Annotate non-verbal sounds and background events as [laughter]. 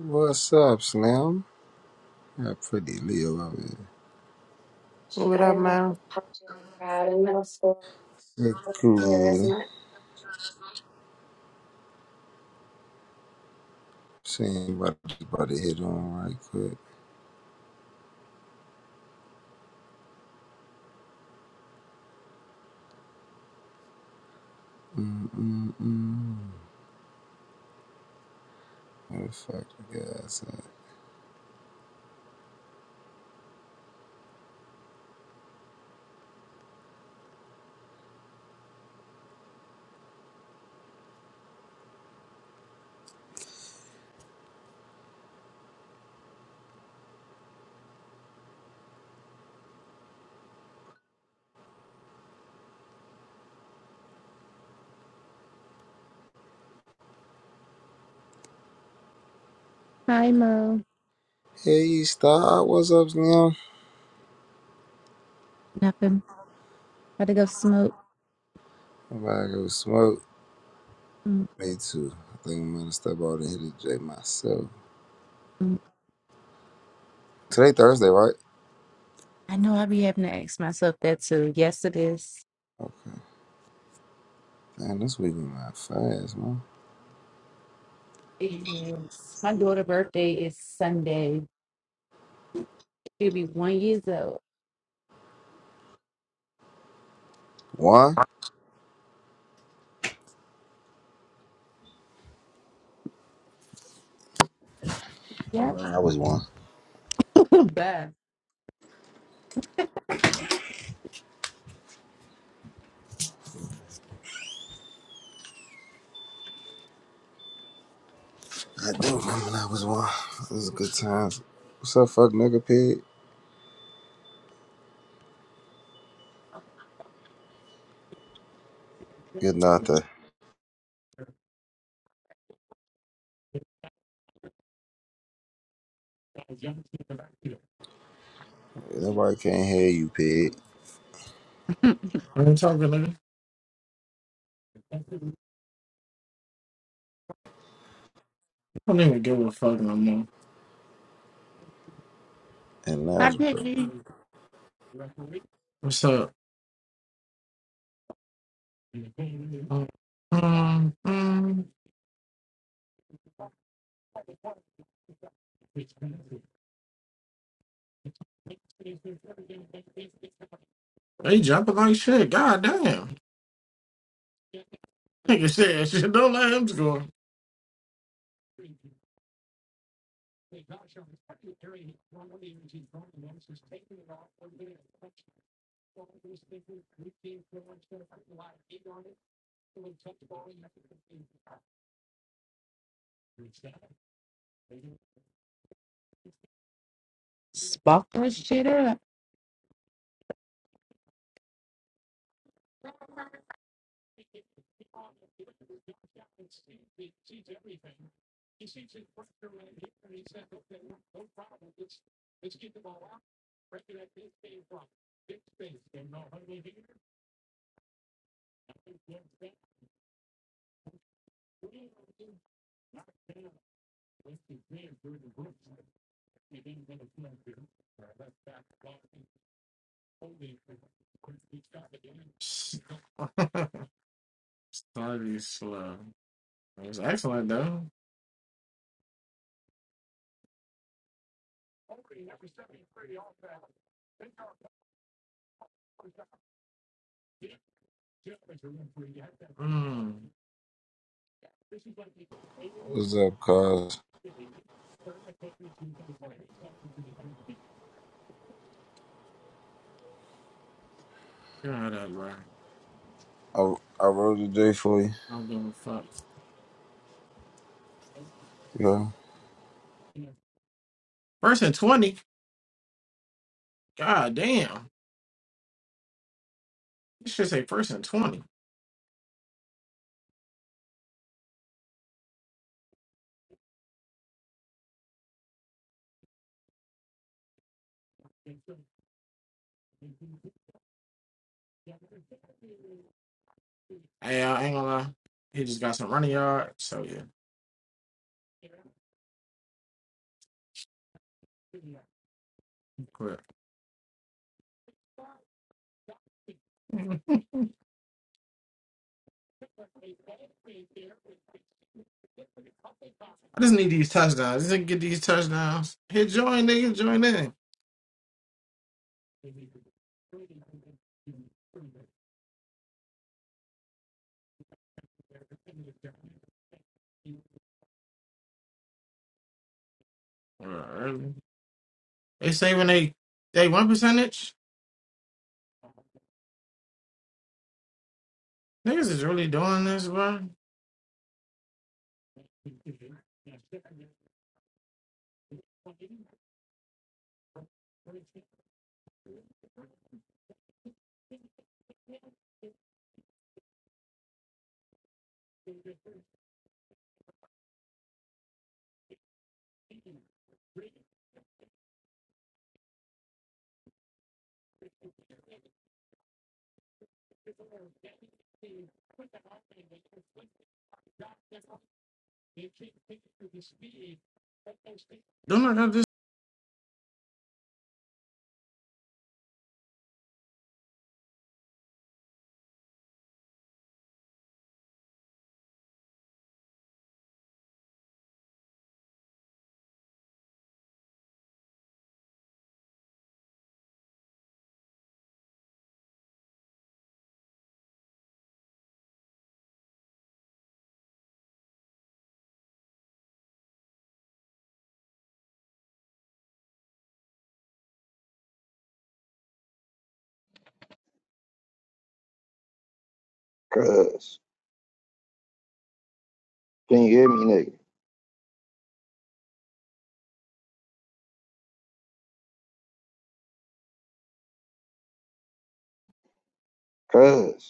What's up, Slim? Yeah, pretty Leo over here. She What up, got in a man? popular crowd in middle school Good With our cool. mouth. Seeing about about to hit on right quick. Mm-mm-mm. Where the fuck the guys at? Hi, Mo. Hey, Star, what's up, Slim? Nothing. Had to go smoke. I'm about to go smoke. Me too. I think I'm gonna step out and hit a J myself. Mm-mm. Today Thursday, right? I know I be having to ask myself that too. Yes, it is. Okay. Damn, this week went by fast, man. It is. My daughter's birthday is Sunday. She'll be one years old. One? I Yep. remember I was one. [laughs] Bye. I do remember I was one. It was good times. What's up, fuck nigga pig? Good night, I'm talking Nobody can't hear you, pig. later. I don't even give a fuck no more. And I bet Lazarus. you What's up? Um, um, they jumping like shit. God damn. Nigga said shit. Don't let him score. spark that shit up. Sorry, slow. It was excellent though. Mm. What's up, cuz? God, that bro. I, I wrote the day for you. I'm gonna fuck. Yeah. First and 20. God damn. You should say first and 20. Hey, I ain't gonna lie. He just got some running yard. So, yeah. I just need these touchdowns. Just need to get these touchdowns. Hit join, nigga. Join in. Uh, They saving they they one percentage. Niggas is really doing this, bro. Don't I got this? Cuz. Can you hear me, nigga? Cuz.